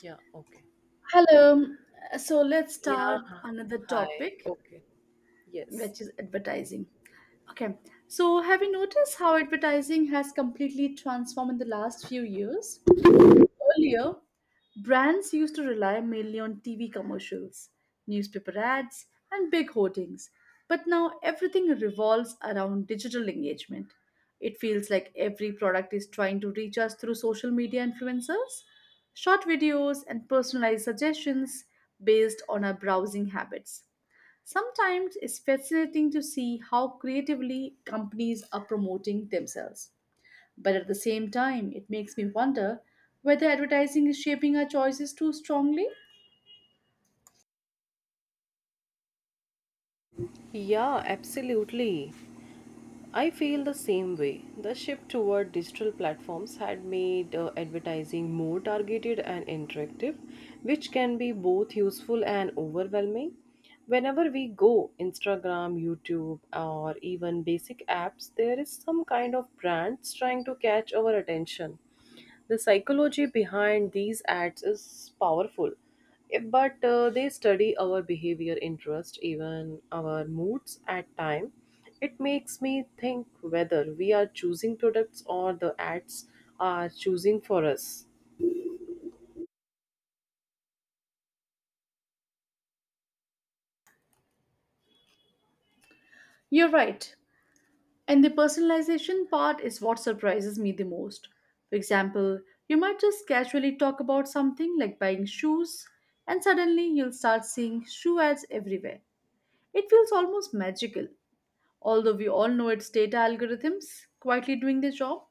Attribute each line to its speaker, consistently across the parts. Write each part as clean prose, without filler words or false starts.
Speaker 1: Yeah, okay.
Speaker 2: Hello. So let's
Speaker 1: Yeah,
Speaker 2: start
Speaker 1: h-
Speaker 2: another
Speaker 1: Hi.
Speaker 2: topic,
Speaker 1: Okay. Yes.
Speaker 2: which is advertising. Okay. So have you noticed how advertising has completely transformed in the last few years? Earlier, brands used to rely mainly on TV commercials, newspaper ads, and big hoardings. But now everything revolves around digital engagement. It feels like every product is trying to reach us through social media influencers, short videos, and personalized suggestions based on our browsing habits. Sometimes it's fascinating to see how creatively companies are promoting themselves. But at the same time, it makes me wonder whether advertising is shaping our choices too strongly.
Speaker 1: Yeah, absolutely. I feel the same way. The shift toward digital platforms had made advertising more targeted and interactive, which can be both useful and overwhelming. Whenever we go, Instagram, YouTube, or even basic apps, there is some kind of brands trying to catch our attention. The psychology behind these ads is powerful, but they study our behavior, interest, even our moods at time. It makes me think whether we are choosing products or the ads are choosing for us.
Speaker 2: You're right. And the personalization part is what surprises me the most. For example, you might just casually talk about something like buying shoes, and suddenly you'll start seeing shoe ads everywhere. It feels almost magical, although we all know it's data algorithms quietly doing their job.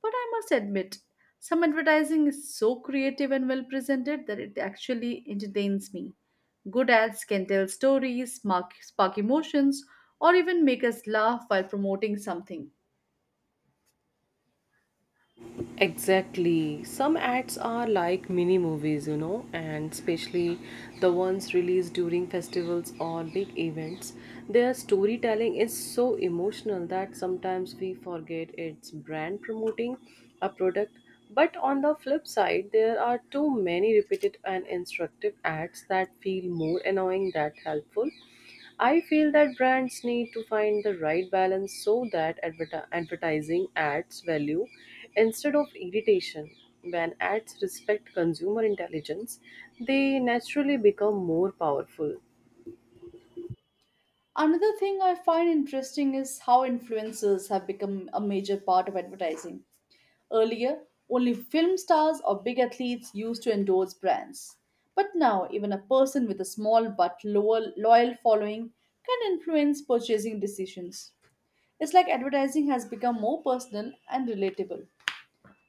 Speaker 2: But I must admit, some advertising is so creative and well presented that it actually entertains me. Good ads can tell stories, spark emotions, or even make us laugh while promoting something.
Speaker 1: Exactly. Some ads are like mini movies, you know, and especially the ones released during festivals or big events. Their storytelling is so emotional that sometimes we forget it's brand promoting a product. But on the flip side, there are too many repeated and instructive ads that feel more annoying than helpful. I feel that brands need to find the right balance so that advertising adds value instead of irritation. When ads respect consumer intelligence, they naturally become more powerful.
Speaker 2: Another thing I find interesting is how influencers have become a major part of advertising. Earlier, only film stars or big athletes used to endorse brands. But now, even a person with a small but lower loyal following can influence purchasing decisions. It's like advertising has become more personal and relatable.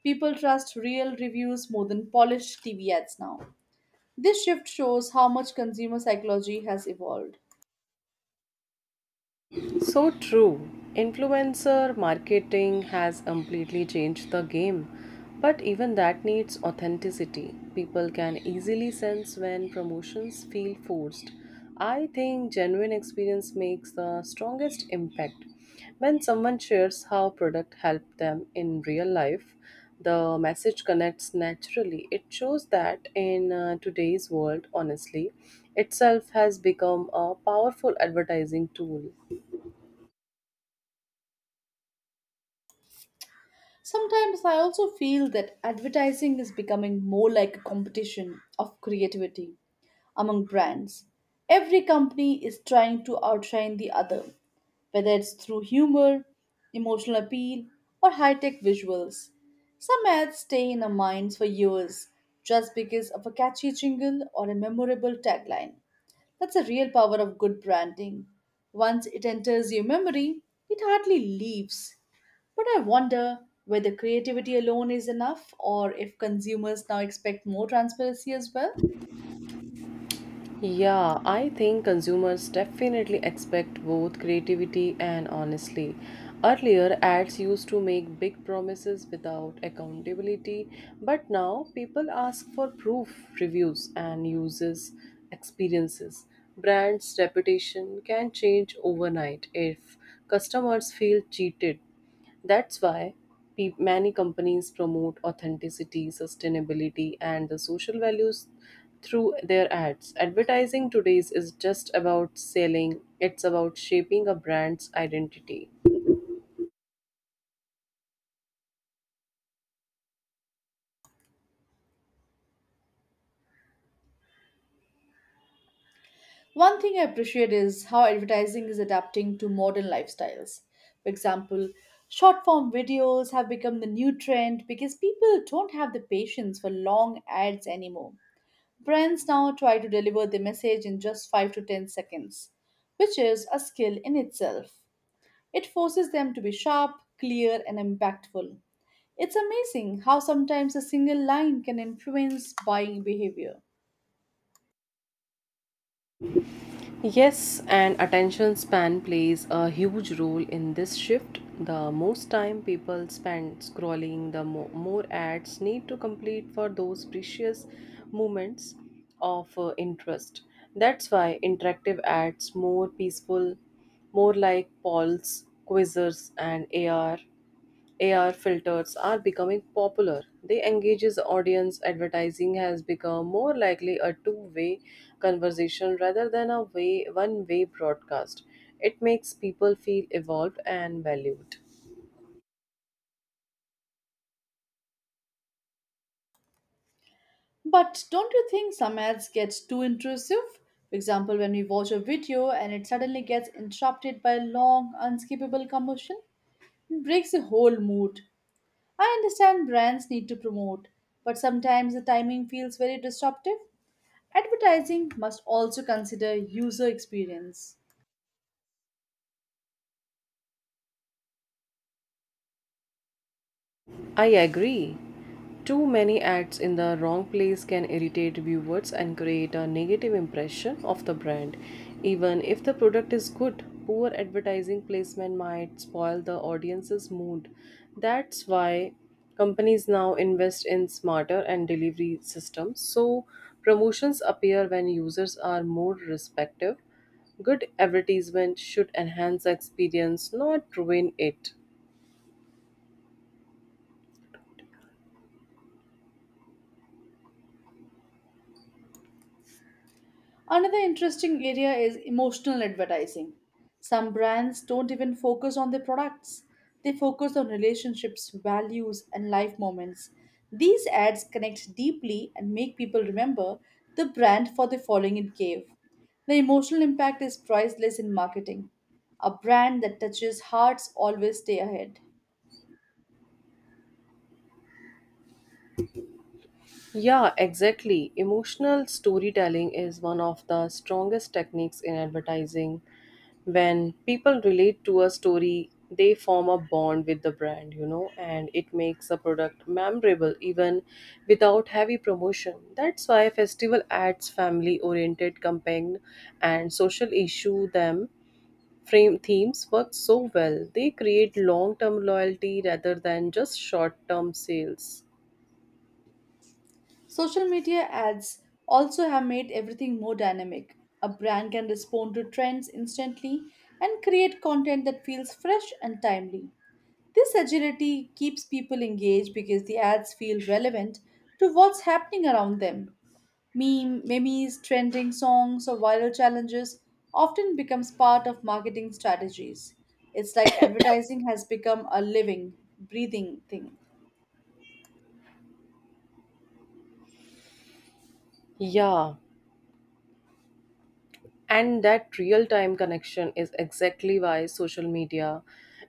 Speaker 2: People trust real reviews more than polished TV ads now. This shift shows how much consumer psychology has evolved.
Speaker 1: So true. Influencer marketing has completely changed the game, but even that needs authenticity. People can easily sense when promotions feel forced. I think genuine experience makes the strongest impact. When someone shares how product helped them in real life, the message connects naturally. It shows that in today's world, honestly, itself has become a powerful advertising tool.
Speaker 2: Sometimes I also feel that advertising is becoming more like a competition of creativity among brands. Every company is trying to outshine the other, whether it's through humor, emotional appeal, or high tech visuals. Some ads stay in our minds for years just because of a catchy jingle or a memorable tagline. That's the real power of good branding. Once it enters your memory, it hardly leaves. But I wonder whether creativity alone is enough or if consumers now expect more transparency as well.
Speaker 1: Yeah, I think consumers definitely expect both creativity and honesty. Earlier, ads used to make big promises without accountability, but now people ask for proof, reviews, and users' experiences. Brands' reputation can change overnight if customers feel cheated, that's why many companies promote authenticity, sustainability, and the social values through their ads. Advertising today is just about selling, it's about shaping a brand's identity.
Speaker 2: One thing I appreciate is how advertising is adapting to modern lifestyles. For example, short form videos have become the new trend because people don't have the patience for long ads anymore. Brands now try to deliver the message in just 5 to 10 seconds, which is a skill in itself. It forces them to be sharp, clear, and impactful. It's amazing how sometimes a single line can influence buying behavior.
Speaker 1: Yes, and attention span plays a huge role in this shift. The most time people spend scrolling, the more ads need to complete for those precious moments of interest. That's why interactive ads more peaceful, more like polls, quizzes and AR filters are becoming popular. They engages the audience. Advertising has become more likely a two-way conversation rather than a way one-way broadcast. It makes people feel involved and valued.
Speaker 2: But don't you think some ads get too intrusive? For example, when we watch a video and it suddenly gets interrupted by a long, unskippable commercial, it breaks the whole mood. I understand brands need to promote, but sometimes the timing feels very disruptive. Advertising must also consider user experience.
Speaker 1: I agree. Too many ads in the wrong place can irritate viewers and create a negative impression of the brand. Even if the product is good, poor advertising placement might spoil the audience's mood. That's why companies now invest in smarter and delivery systems so promotions appear when users are more respective. Good advertisement should enhance the experience, not ruin it.
Speaker 2: Another interesting area is emotional advertising. Some brands don't even focus on their products, they focus on relationships, values, and life moments. These ads connect deeply and make people remember the brand for the following it gave. The emotional impact is priceless in marketing. A brand that touches hearts always stay ahead.
Speaker 1: Yeah, exactly. Emotional storytelling is one of the strongest techniques in advertising. When people relate to a story, they form a bond with the brand, you know, and it makes a product memorable even without heavy promotion. That's why festival ads, family oriented campaign, and social issue them frame themes work so well. They create long term loyalty rather than just short term sales.
Speaker 2: Social media ads also have made everything more dynamic. A brand can respond to trends instantly and create content that feels fresh and timely. This agility keeps people engaged because the ads feel relevant to what's happening around them. Memes, trending songs, or viral challenges often becomes part of marketing strategies. It's like advertising has become a living, breathing thing.
Speaker 1: Yeah, and that real time connection is exactly why social media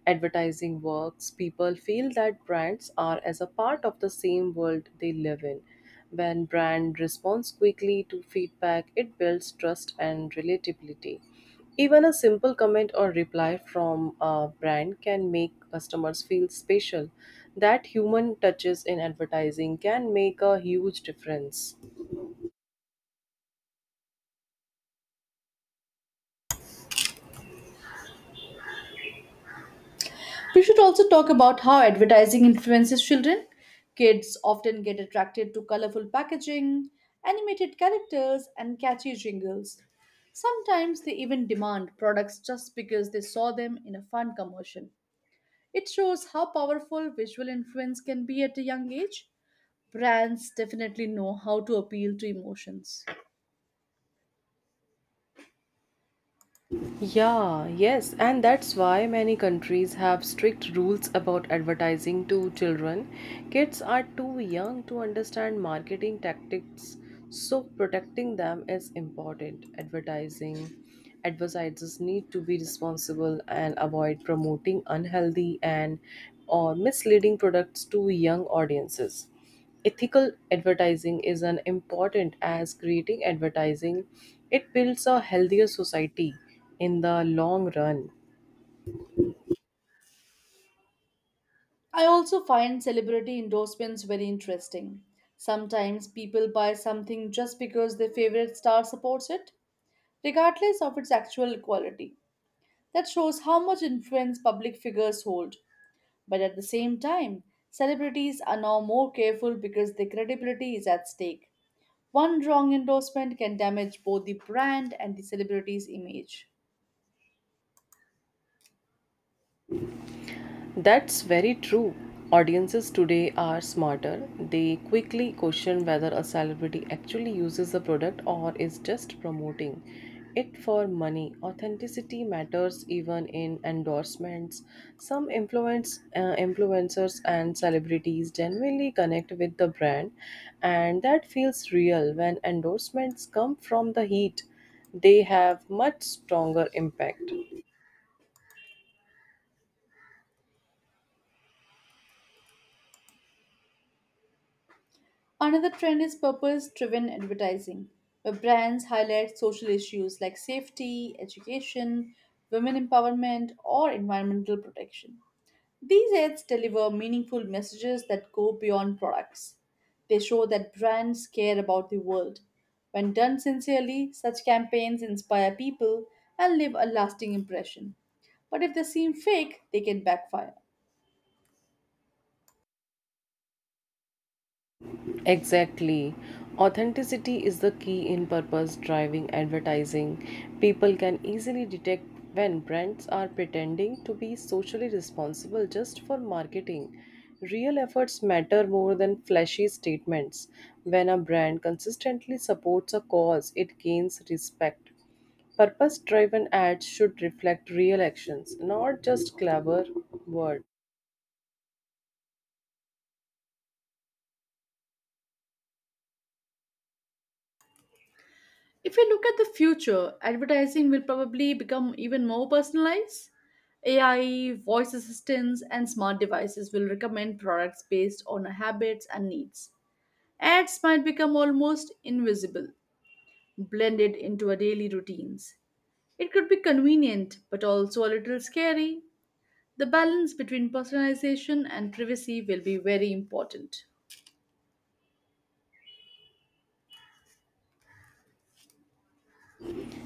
Speaker 1: advertising works. People feel that brands are as a part of the same world they live in. When brand responds quickly to feedback, it builds trust and relatability. Even a simple comment or reply from a brand can make customers feel special. That human touches in advertising can make a huge difference.
Speaker 2: We should also talk about how advertising influences children. Kids often get attracted to colorful packaging, animated characters, and catchy jingles. Sometimes they even demand products just because they saw them in a fun commercial. It shows how powerful visual influence can be at a young age. Brands definitely know how to appeal to emotions.
Speaker 1: Yeah, yes, and that's why many countries have strict rules about advertising to children. Kids are too young to understand marketing tactics, so protecting them is important. Advertising Advertisers need to be responsible and avoid promoting unhealthy and or misleading products to young audiences. Ethical advertising is an important as creating advertising. It builds a healthier society in the long run.
Speaker 2: I also find celebrity endorsements very interesting. Sometimes people buy something just because their favorite star supports it, regardless of its actual quality. That shows how much influence public figures hold. But at the same time, celebrities are now more careful because their credibility is at stake. One wrong endorsement can damage both the brand and the celebrity's image.
Speaker 1: That's very true. Audiences today are smarter. They quickly question whether a celebrity actually uses the product or is just promoting it for money. Authenticity matters even in endorsements. Some influencers and celebrities genuinely connect with the brand, and that feels real when endorsements come from the heat. They have much stronger impact.
Speaker 2: Another trend is purpose driven advertising, where brands highlight social issues like safety, education, women empowerment, or environmental protection. These ads deliver meaningful messages that go beyond products. They show that brands care about the world. When done sincerely, such campaigns inspire people and leave a lasting impression. But if they seem fake, they can backfire.
Speaker 1: Exactly. Authenticity is the key in purpose driving advertising. People can easily detect when brands are pretending to be socially responsible just for marketing. Real efforts matter more than flashy statements. When a brand consistently supports a cause, it gains respect. Purpose driven ads should reflect real actions, not just clever words.
Speaker 2: If we look at the future, advertising will probably become even more personalized. AI, voice assistants, and smart devices will recommend products based on our habits and needs. Ads might become almost invisible, blended into our daily routines. It could be convenient, but also a little scary. The balance between personalization and privacy will be very important.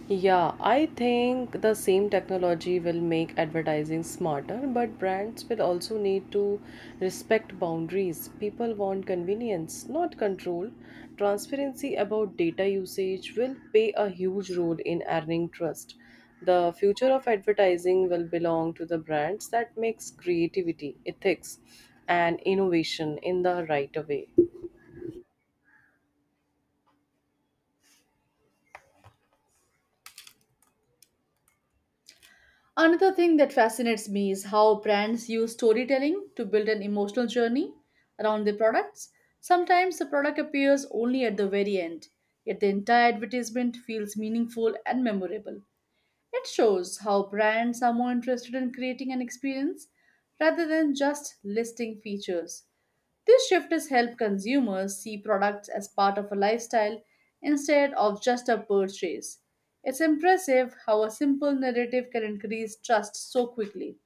Speaker 1: Yeah, I think the same technology will make advertising smarter, but brands will also need to respect boundaries. People want convenience, not control. Transparency about data usage will play a huge role in earning trust. The future of advertising will belong to the brands that makes creativity, ethics, and innovation in the right way.
Speaker 2: Another thing that fascinates me is how brands use storytelling to build an emotional journey around their products. Sometimes the product appears only at the very end, yet the entire advertisement feels meaningful and memorable. It shows how brands are more interested in creating an experience rather than just listing features. This shift has helped consumers see products as part of a lifestyle instead of just a purchase. It's impressive how a simple narrative can increase trust so quickly.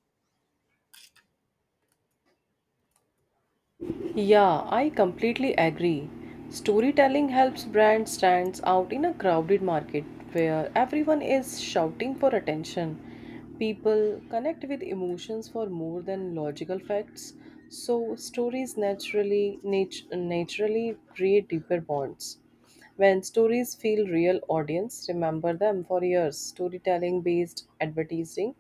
Speaker 1: Yeah, I completely agree. Storytelling helps brands stands out in a crowded market where everyone is shouting for attention. People connect with emotions for more than logical facts, so stories naturally create deeper bonds. When stories feel real, audience remember them for years. Storytelling based advertising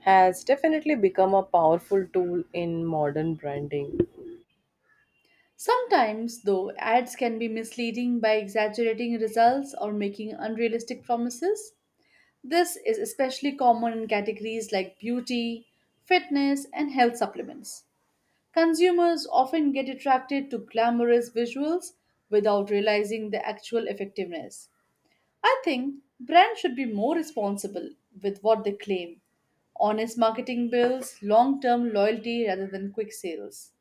Speaker 1: has definitely become a powerful tool in modern branding.
Speaker 2: Sometimes, though, ads can be misleading by exaggerating results or making unrealistic promises. This is especially common in categories like beauty, fitness, and health supplements. Consumers often get attracted to glamorous visuals without realizing the actual effectiveness. I think brands should be more responsible with what they claim. Honest marketing builds long term loyalty rather than quick sales.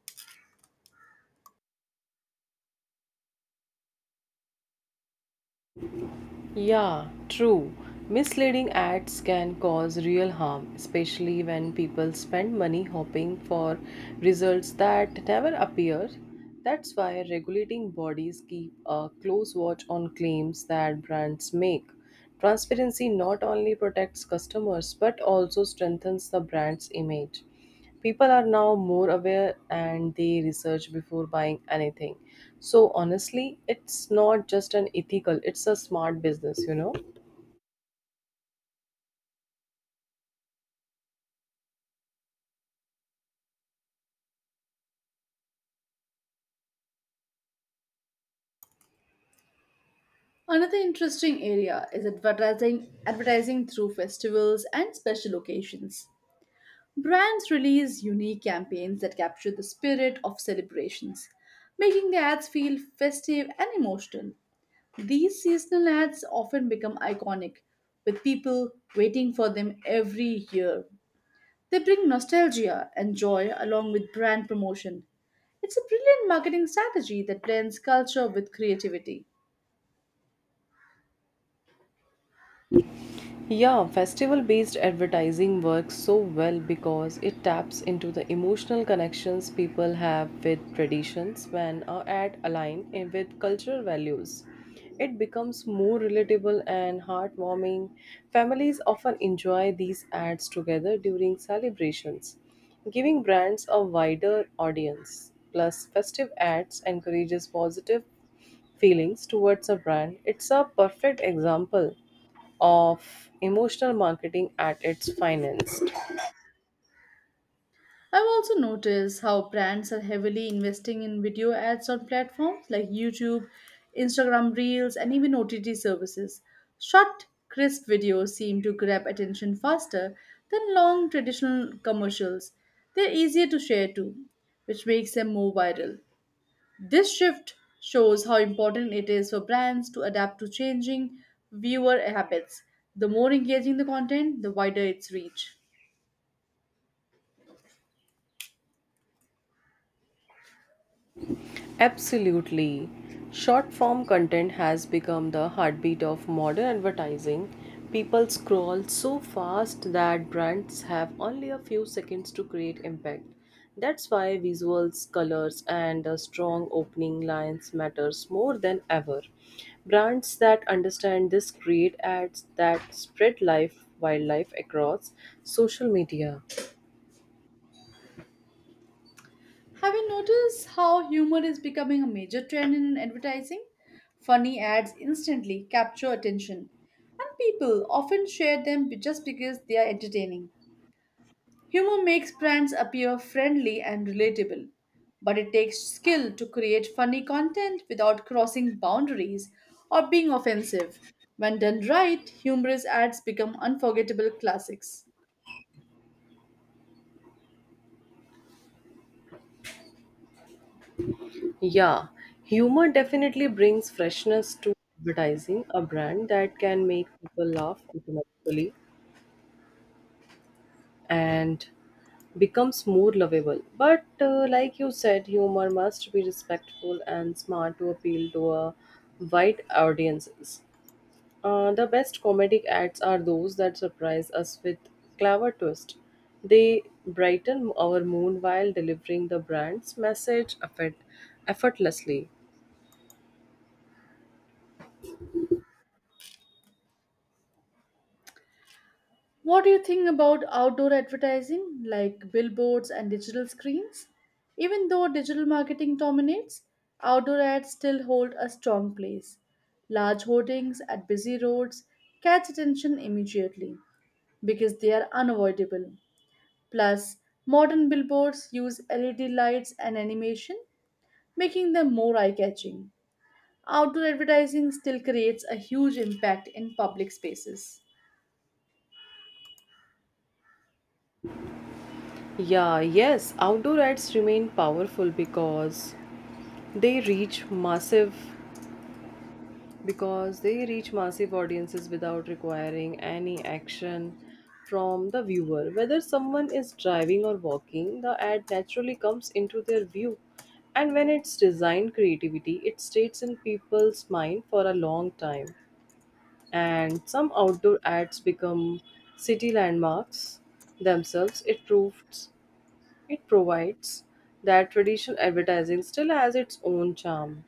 Speaker 1: Yeah, true. Misleading ads can cause real harm, especially when people spend money hoping for results that never appear. That's why regulating bodies keep a close watch on claims that brands make. Transparency not only protects customers but also strengthens the brand's image. People are now more aware and they research before buying anything. So honestly, it's not just an ethical, it's a smart business, you know.
Speaker 2: Another interesting area is advertising through festivals and special occasions. Brands release unique campaigns that capture the spirit of celebrations, making the ads feel festive and emotional. These seasonal ads often become iconic, with people waiting for them every year. They bring nostalgia and joy along with brand promotion. It's a brilliant marketing strategy that blends culture with creativity.
Speaker 1: Yeah, festival based advertising works so well because it taps into the emotional connections people have with traditions when an ad aligns with cultural values. It becomes more relatable and heartwarming. Families often enjoy these ads together during celebrations, giving brands a wider audience. Plus, festive ads encourages positive feelings towards a brand. It's a perfect example of emotional marketing at its finest.
Speaker 2: I've also noticed how brands are heavily investing in video ads on platforms like YouTube, Instagram Reels, and even OTT services. Short, crisp videos seem to grab attention faster than long traditional commercials. They're easier to share too, which makes them more viral. This shift shows how important it is for brands to adapt to changing viewer habits. The more engaging the content, the wider its reach.
Speaker 1: Absolutely. Short form content has become the heartbeat of modern advertising. People scroll so fast that brands have only a few seconds to create impact. That's why visuals, colors, and a strong opening lines matters more than ever. Brands that understand this create ads that spread life wildlife across social media.
Speaker 2: Have you noticed how humor is becoming a major trend in advertising? Funny ads instantly capture attention, and people often share them just because they are entertaining. Humor makes brands appear friendly and relatable, but it takes skill to create funny content without crossing boundaries or being offensive. When done right, humorous ads become unforgettable classics.
Speaker 1: Yeah, humor definitely brings freshness to advertising. A brand that can make people laugh automatically and becomes more lovable. But like you said, humor must be respectful and smart to appeal to a wide audiences. The best comedic ads are those that surprise us with clever twist. They brighten our mood while delivering the brand's message effortlessly.
Speaker 2: What do you think about outdoor advertising like billboards and digital screens? Even though digital marketing dominates, outdoor ads still hold a strong place. Large hoardings at busy roads catch attention immediately, because they are unavoidable. Plus, modern billboards use LED lights and animation, making them more eye catching. Outdoor advertising still creates a huge impact in public spaces.
Speaker 1: Yeah, yes, outdoor ads remain powerful they reach massive because they reach massive audiences without requiring any action from the viewer. Whether someone is driving or walking, the ad naturally comes into their view. And when it's designed creativity, it stays in people's mind for a long time. And some outdoor ads become city landmarks themselves. It provides that traditional advertising still has its own charm.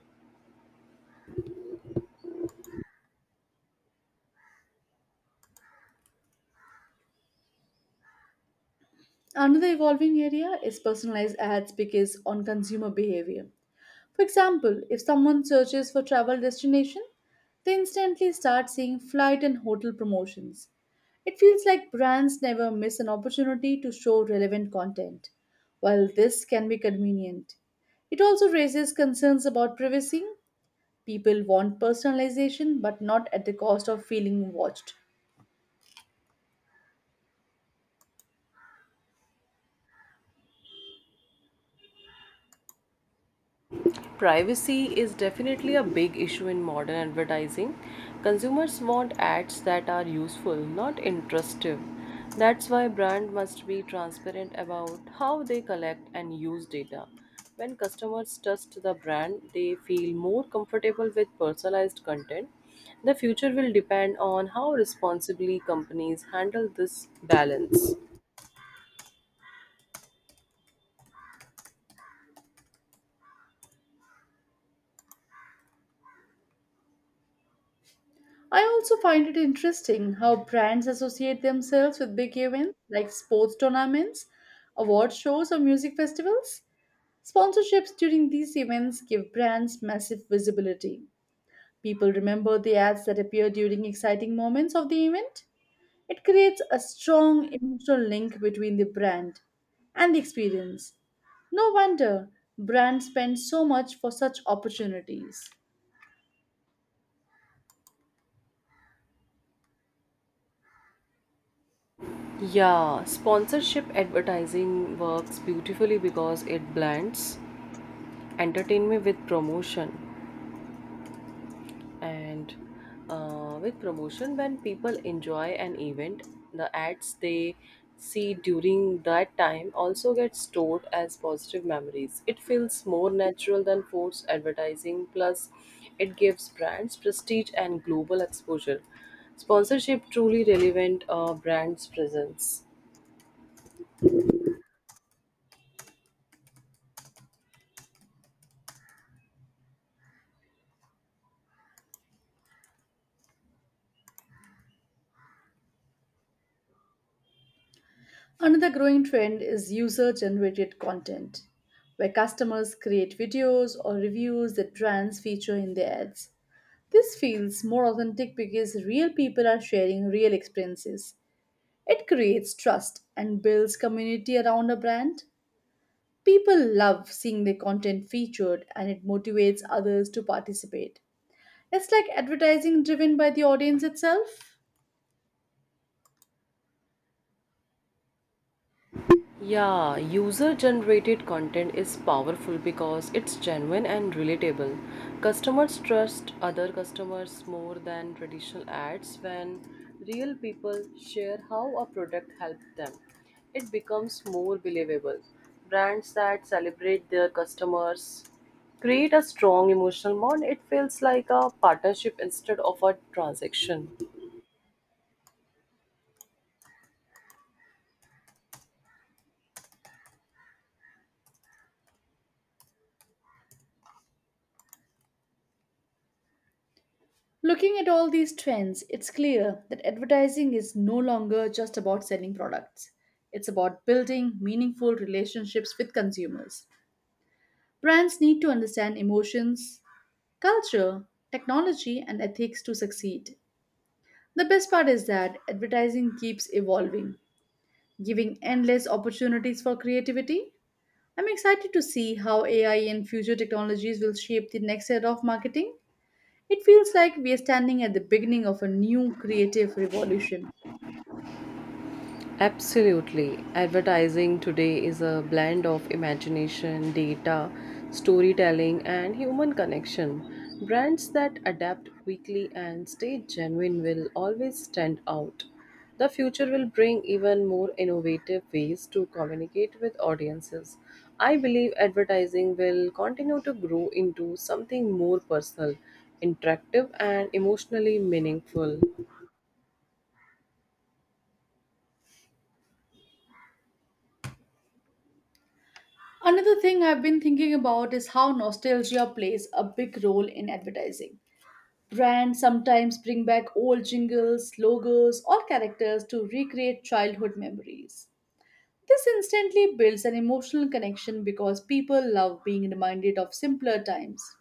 Speaker 2: Another evolving area is personalized ads because on consumer behavior. For example, if someone searches for travel destination, they instantly start seeing flight and hotel promotions. It feels like brands never miss an opportunity to show relevant content. While this can be convenient, it also raises concerns about privacy. People want personalization but not at the cost of feeling watched.
Speaker 1: Privacy is definitely a big issue in modern advertising. Consumers want ads that are useful, not intrusive. That's why brand must be transparent about how they collect and use data. When customers trust the brand, they feel more comfortable with personalized content. The future will depend on how responsibly companies handle this balance.
Speaker 2: I also find it interesting how brands associate themselves with big events like sports tournaments, award shows, or music festivals. Sponsorships during these events give brands massive visibility. People remember the ads that appear during exciting moments of the event. It creates a strong emotional link between the brand and the experience. No wonder brands spend so much for such opportunities.
Speaker 1: Yeah, sponsorship advertising works beautifully because it blends entertainment with promotion. And With promotion, when people enjoy an event, the ads they see during that time also get stored as positive memories. It feels more natural than forced advertising, plus, it gives brands prestige and global exposure. Sponsorship truly relevant brands' presence.
Speaker 2: Another growing trend is user generated content, where customers create videos or reviews that brands feature in their ads. This feels more authentic because real people are sharing real experiences. It creates trust and builds community around a brand. People love seeing their content featured and it motivates others to participate. It's like advertising driven by the audience itself.
Speaker 1: Yeah, user generated content is powerful because it's genuine and relatable. Customers trust other customers more than traditional ads when real people share how a product helped them. It becomes more believable. Brands that celebrate their customers create a strong emotional bond. It feels like a partnership instead of a transaction.
Speaker 2: Looking at all these trends, it's clear that advertising is no longer just about selling products. It's about building meaningful relationships with consumers. Brands need to understand emotions, culture, technology, and ethics to succeed. The best part is that advertising keeps evolving, giving endless opportunities for creativity. I'm excited to see how AI and future technologies will shape the next era of marketing. It feels like we are standing at the beginning of a new creative revolution.
Speaker 1: Absolutely. Advertising today is a blend of imagination, data, storytelling, and human connection. Brands that adapt quickly and stay genuine will always stand out. The future will bring even more innovative ways to communicate with audiences. I believe advertising will continue to grow into something more personal, interactive, and emotionally meaningful.
Speaker 2: Another thing I've been thinking about is how nostalgia plays a big role in advertising. Brands sometimes bring back old jingles, logos, or characters to recreate childhood memories. This instantly builds an emotional connection because people love being reminded of simpler times.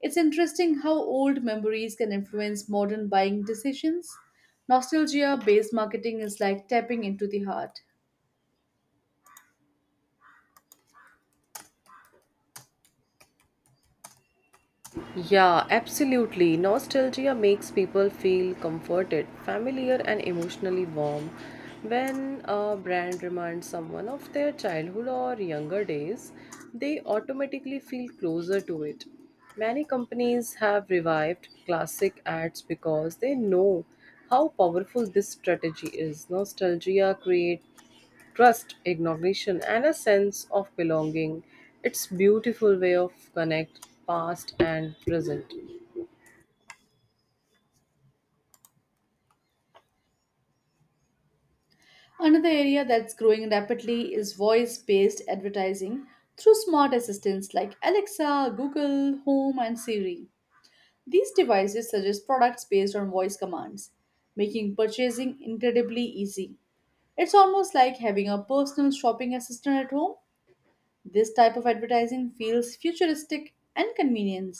Speaker 2: It's interesting how old memories can influence modern buying decisions. Nostalgia based marketing is like tapping into the heart.
Speaker 1: Yeah, absolutely. Nostalgia makes people feel comforted, familiar, and emotionally warm. When a brand reminds someone of their childhood or younger days, they automatically feel closer to it. Many companies have revived classic ads because they know how powerful this strategy is. Nostalgia creates trust, recognition, and a sense of belonging. It's beautiful way of connect past and present.
Speaker 2: Another area that's growing rapidly is voice based advertising through smart assistants like Alexa, Google, Home, and Siri. These devices suggest products based on voice commands, making purchasing incredibly easy. It's almost like having a personal shopping assistant at home. This type of advertising feels futuristic and convenient,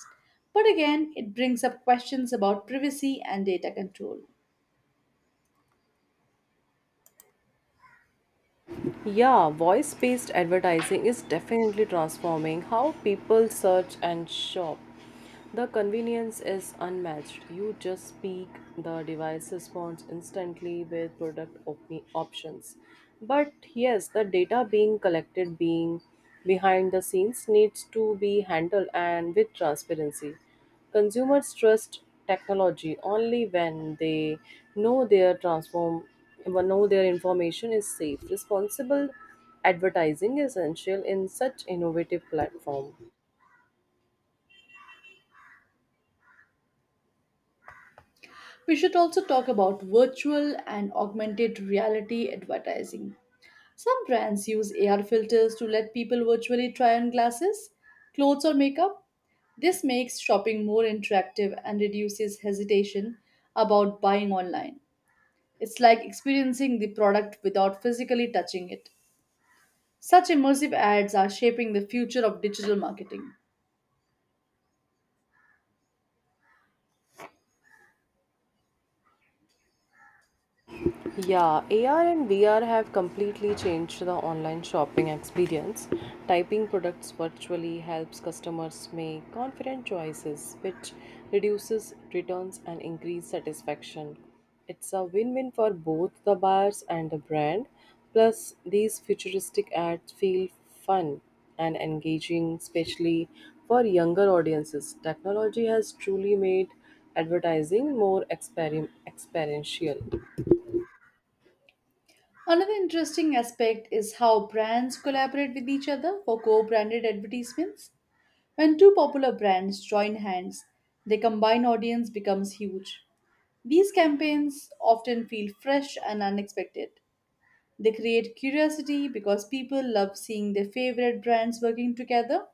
Speaker 2: but again, it brings up questions about privacy and data control.
Speaker 1: Yeah, voice-based advertising is definitely transforming how people search and shop. The convenience is unmatched. You just speak, the device responds instantly with product options. But yes, the data being collected being behind the scenes needs to be handled and with transparency. Consumers trust technology only when they know their transform when know their information is safe. Responsible advertising is essential in such innovative platform.
Speaker 2: We should also talk about virtual and augmented reality advertising. Some brands use AR filters to let people virtually try on glasses, clothes, or makeup. This makes shopping more interactive and reduces hesitation about buying online. It's like experiencing the product without physically touching it. Such immersive ads are shaping the future of digital marketing.
Speaker 1: Yeah, AR and VR have completely changed the online shopping experience. Typing products virtually helps customers make confident choices, which reduces returns and increases satisfaction. It's a win-win for both the buyers and the brand. Plus, these futuristic ads feel fun and engaging, especially for younger audiences. Technology has truly made advertising more experiential.
Speaker 2: Another interesting aspect is how brands collaborate with each other for co branded advertisements. When two popular brands join hands, their combined audience becomes huge. These campaigns often feel fresh and unexpected. They create curiosity because people love seeing their favorite brands working together.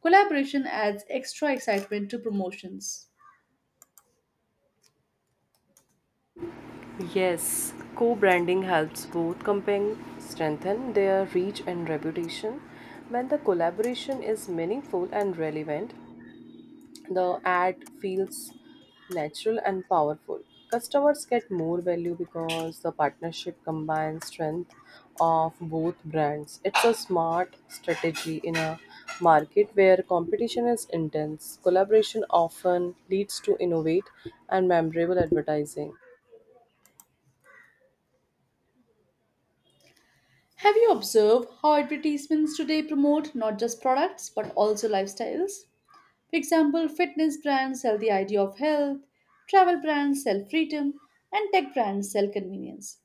Speaker 2: Collaboration adds extra excitement to promotions.
Speaker 1: Yes, co branding helps both companies strengthen their reach and reputation. When the collaboration is meaningful and relevant, the ad feels natural and powerful. Customers get more value because the partnership combines strength of both brands. It's a smart strategy in a market where competition is intense. Collaboration often leads to innovate and memorable advertising.
Speaker 2: Have you observed how advertisements today promote not just products but also lifestyles? For example, fitness brands sell the idea of health, travel brands sell freedom, and tech brands sell convenience.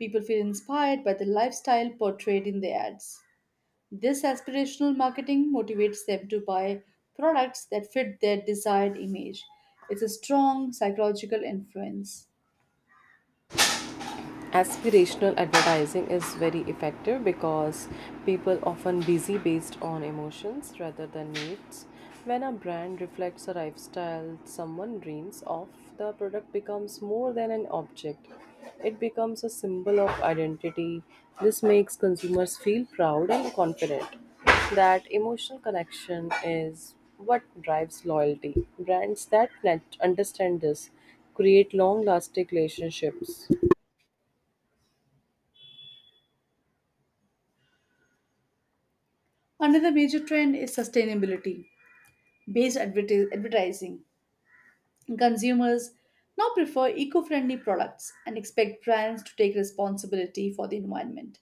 Speaker 2: People feel inspired by the lifestyle portrayed in the ads. This aspirational marketing motivates them to buy products that fit their desired image. It's a strong psychological influence.
Speaker 1: Aspirational advertising is very effective because people often busy based on emotions rather than needs when a brand reflects a lifestyle someone dreams of, the product becomes more than an object. It becomes a symbol of identity. This makes consumers feel proud and confident. That emotional connection is what drives loyalty. Brands that understand this create long lasting relationships.
Speaker 2: Another major trend is sustainability based advertising. Consumers now prefer eco friendly products and expect brands to take responsibility for the environment.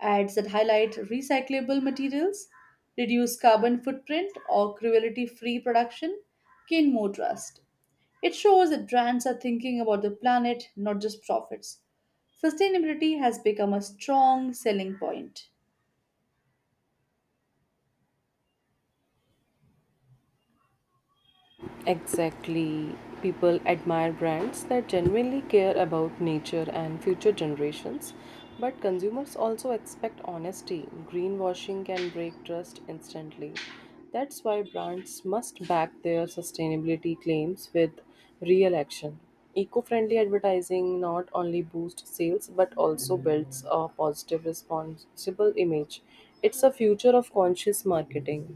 Speaker 2: Ads that highlight recyclable materials, reduce carbon footprint, or cruelty free production gain more trust. It shows that brands are thinking about the planet, not just profits. Sustainability has become a strong selling point.
Speaker 1: Exactly. People admire brands that genuinely care about nature and future generations, but consumers also expect honesty. Greenwashing can break trust instantly. That's why brands must back their sustainability claims with real action. Eco friendly advertising not only boosts sales but also builds a positive, responsible image. It's a future of conscious marketing.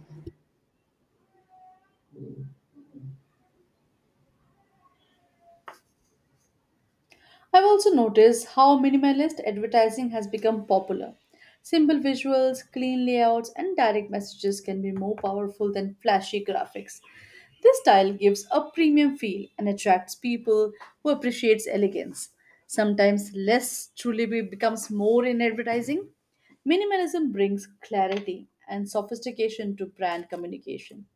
Speaker 2: I've also noticed how minimalist advertising has become popular. Simple visuals, clean layouts, and direct messages can be more powerful than flashy graphics. This style gives a premium feel and attracts people who appreciates elegance. Sometimes less truly becomes more in advertising. Minimalism brings clarity and sophistication to brand communication.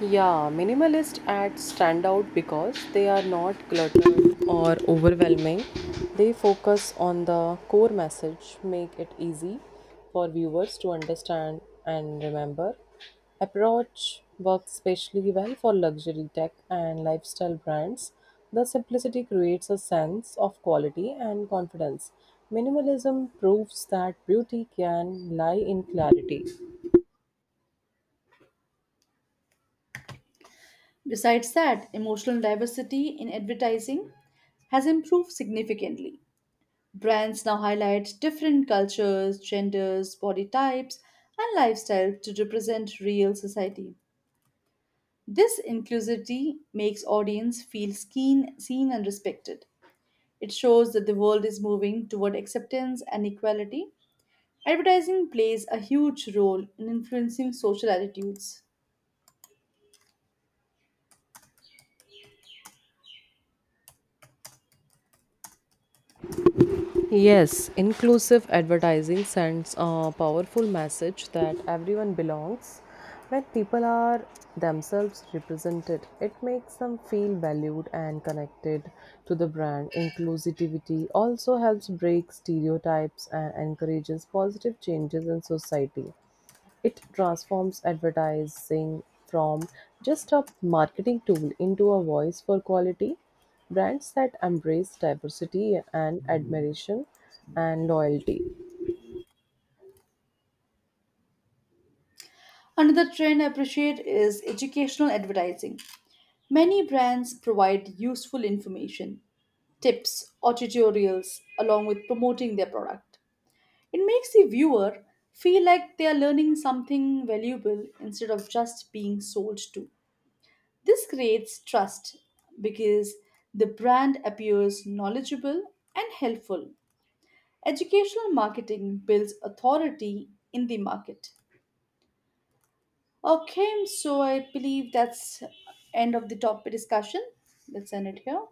Speaker 1: Yeah, minimalist ads stand out because they are not cluttered or overwhelming. They focus on the core message, make it easy for viewers to understand and remember. Approach works especially well for luxury tech and lifestyle brands. The simplicity creates a sense of quality and confidence. Minimalism proves that beauty can lie in clarity.
Speaker 2: Besides that, emotional diversity in advertising has improved significantly. Brands now highlight different cultures, genders, body types, and lifestyles to represent real society. This inclusivity makes audience feel seen and respected. It shows that the world is moving toward acceptance and equality. Advertising plays a huge role in influencing social attitudes.
Speaker 1: Yes, inclusive advertising sends a powerful message that everyone belongs. When people are themselves represented, it makes them feel valued and connected to the brand. Inclusivity also helps break stereotypes and encourages positive changes in society. It transforms advertising from just a marketing tool into a voice for quality. Brands that embrace diversity and admiration and loyalty.
Speaker 2: Another trend I appreciate is educational advertising. Many brands provide useful information, tips, or tutorials along with promoting their product. It makes the viewer feel like they are learning something valuable instead of just being sold to. This creates trust because the brand appears knowledgeable and helpful. Educational marketing builds authority in the market. Okay, so I believe that's end of the topic discussion. Let's end it here.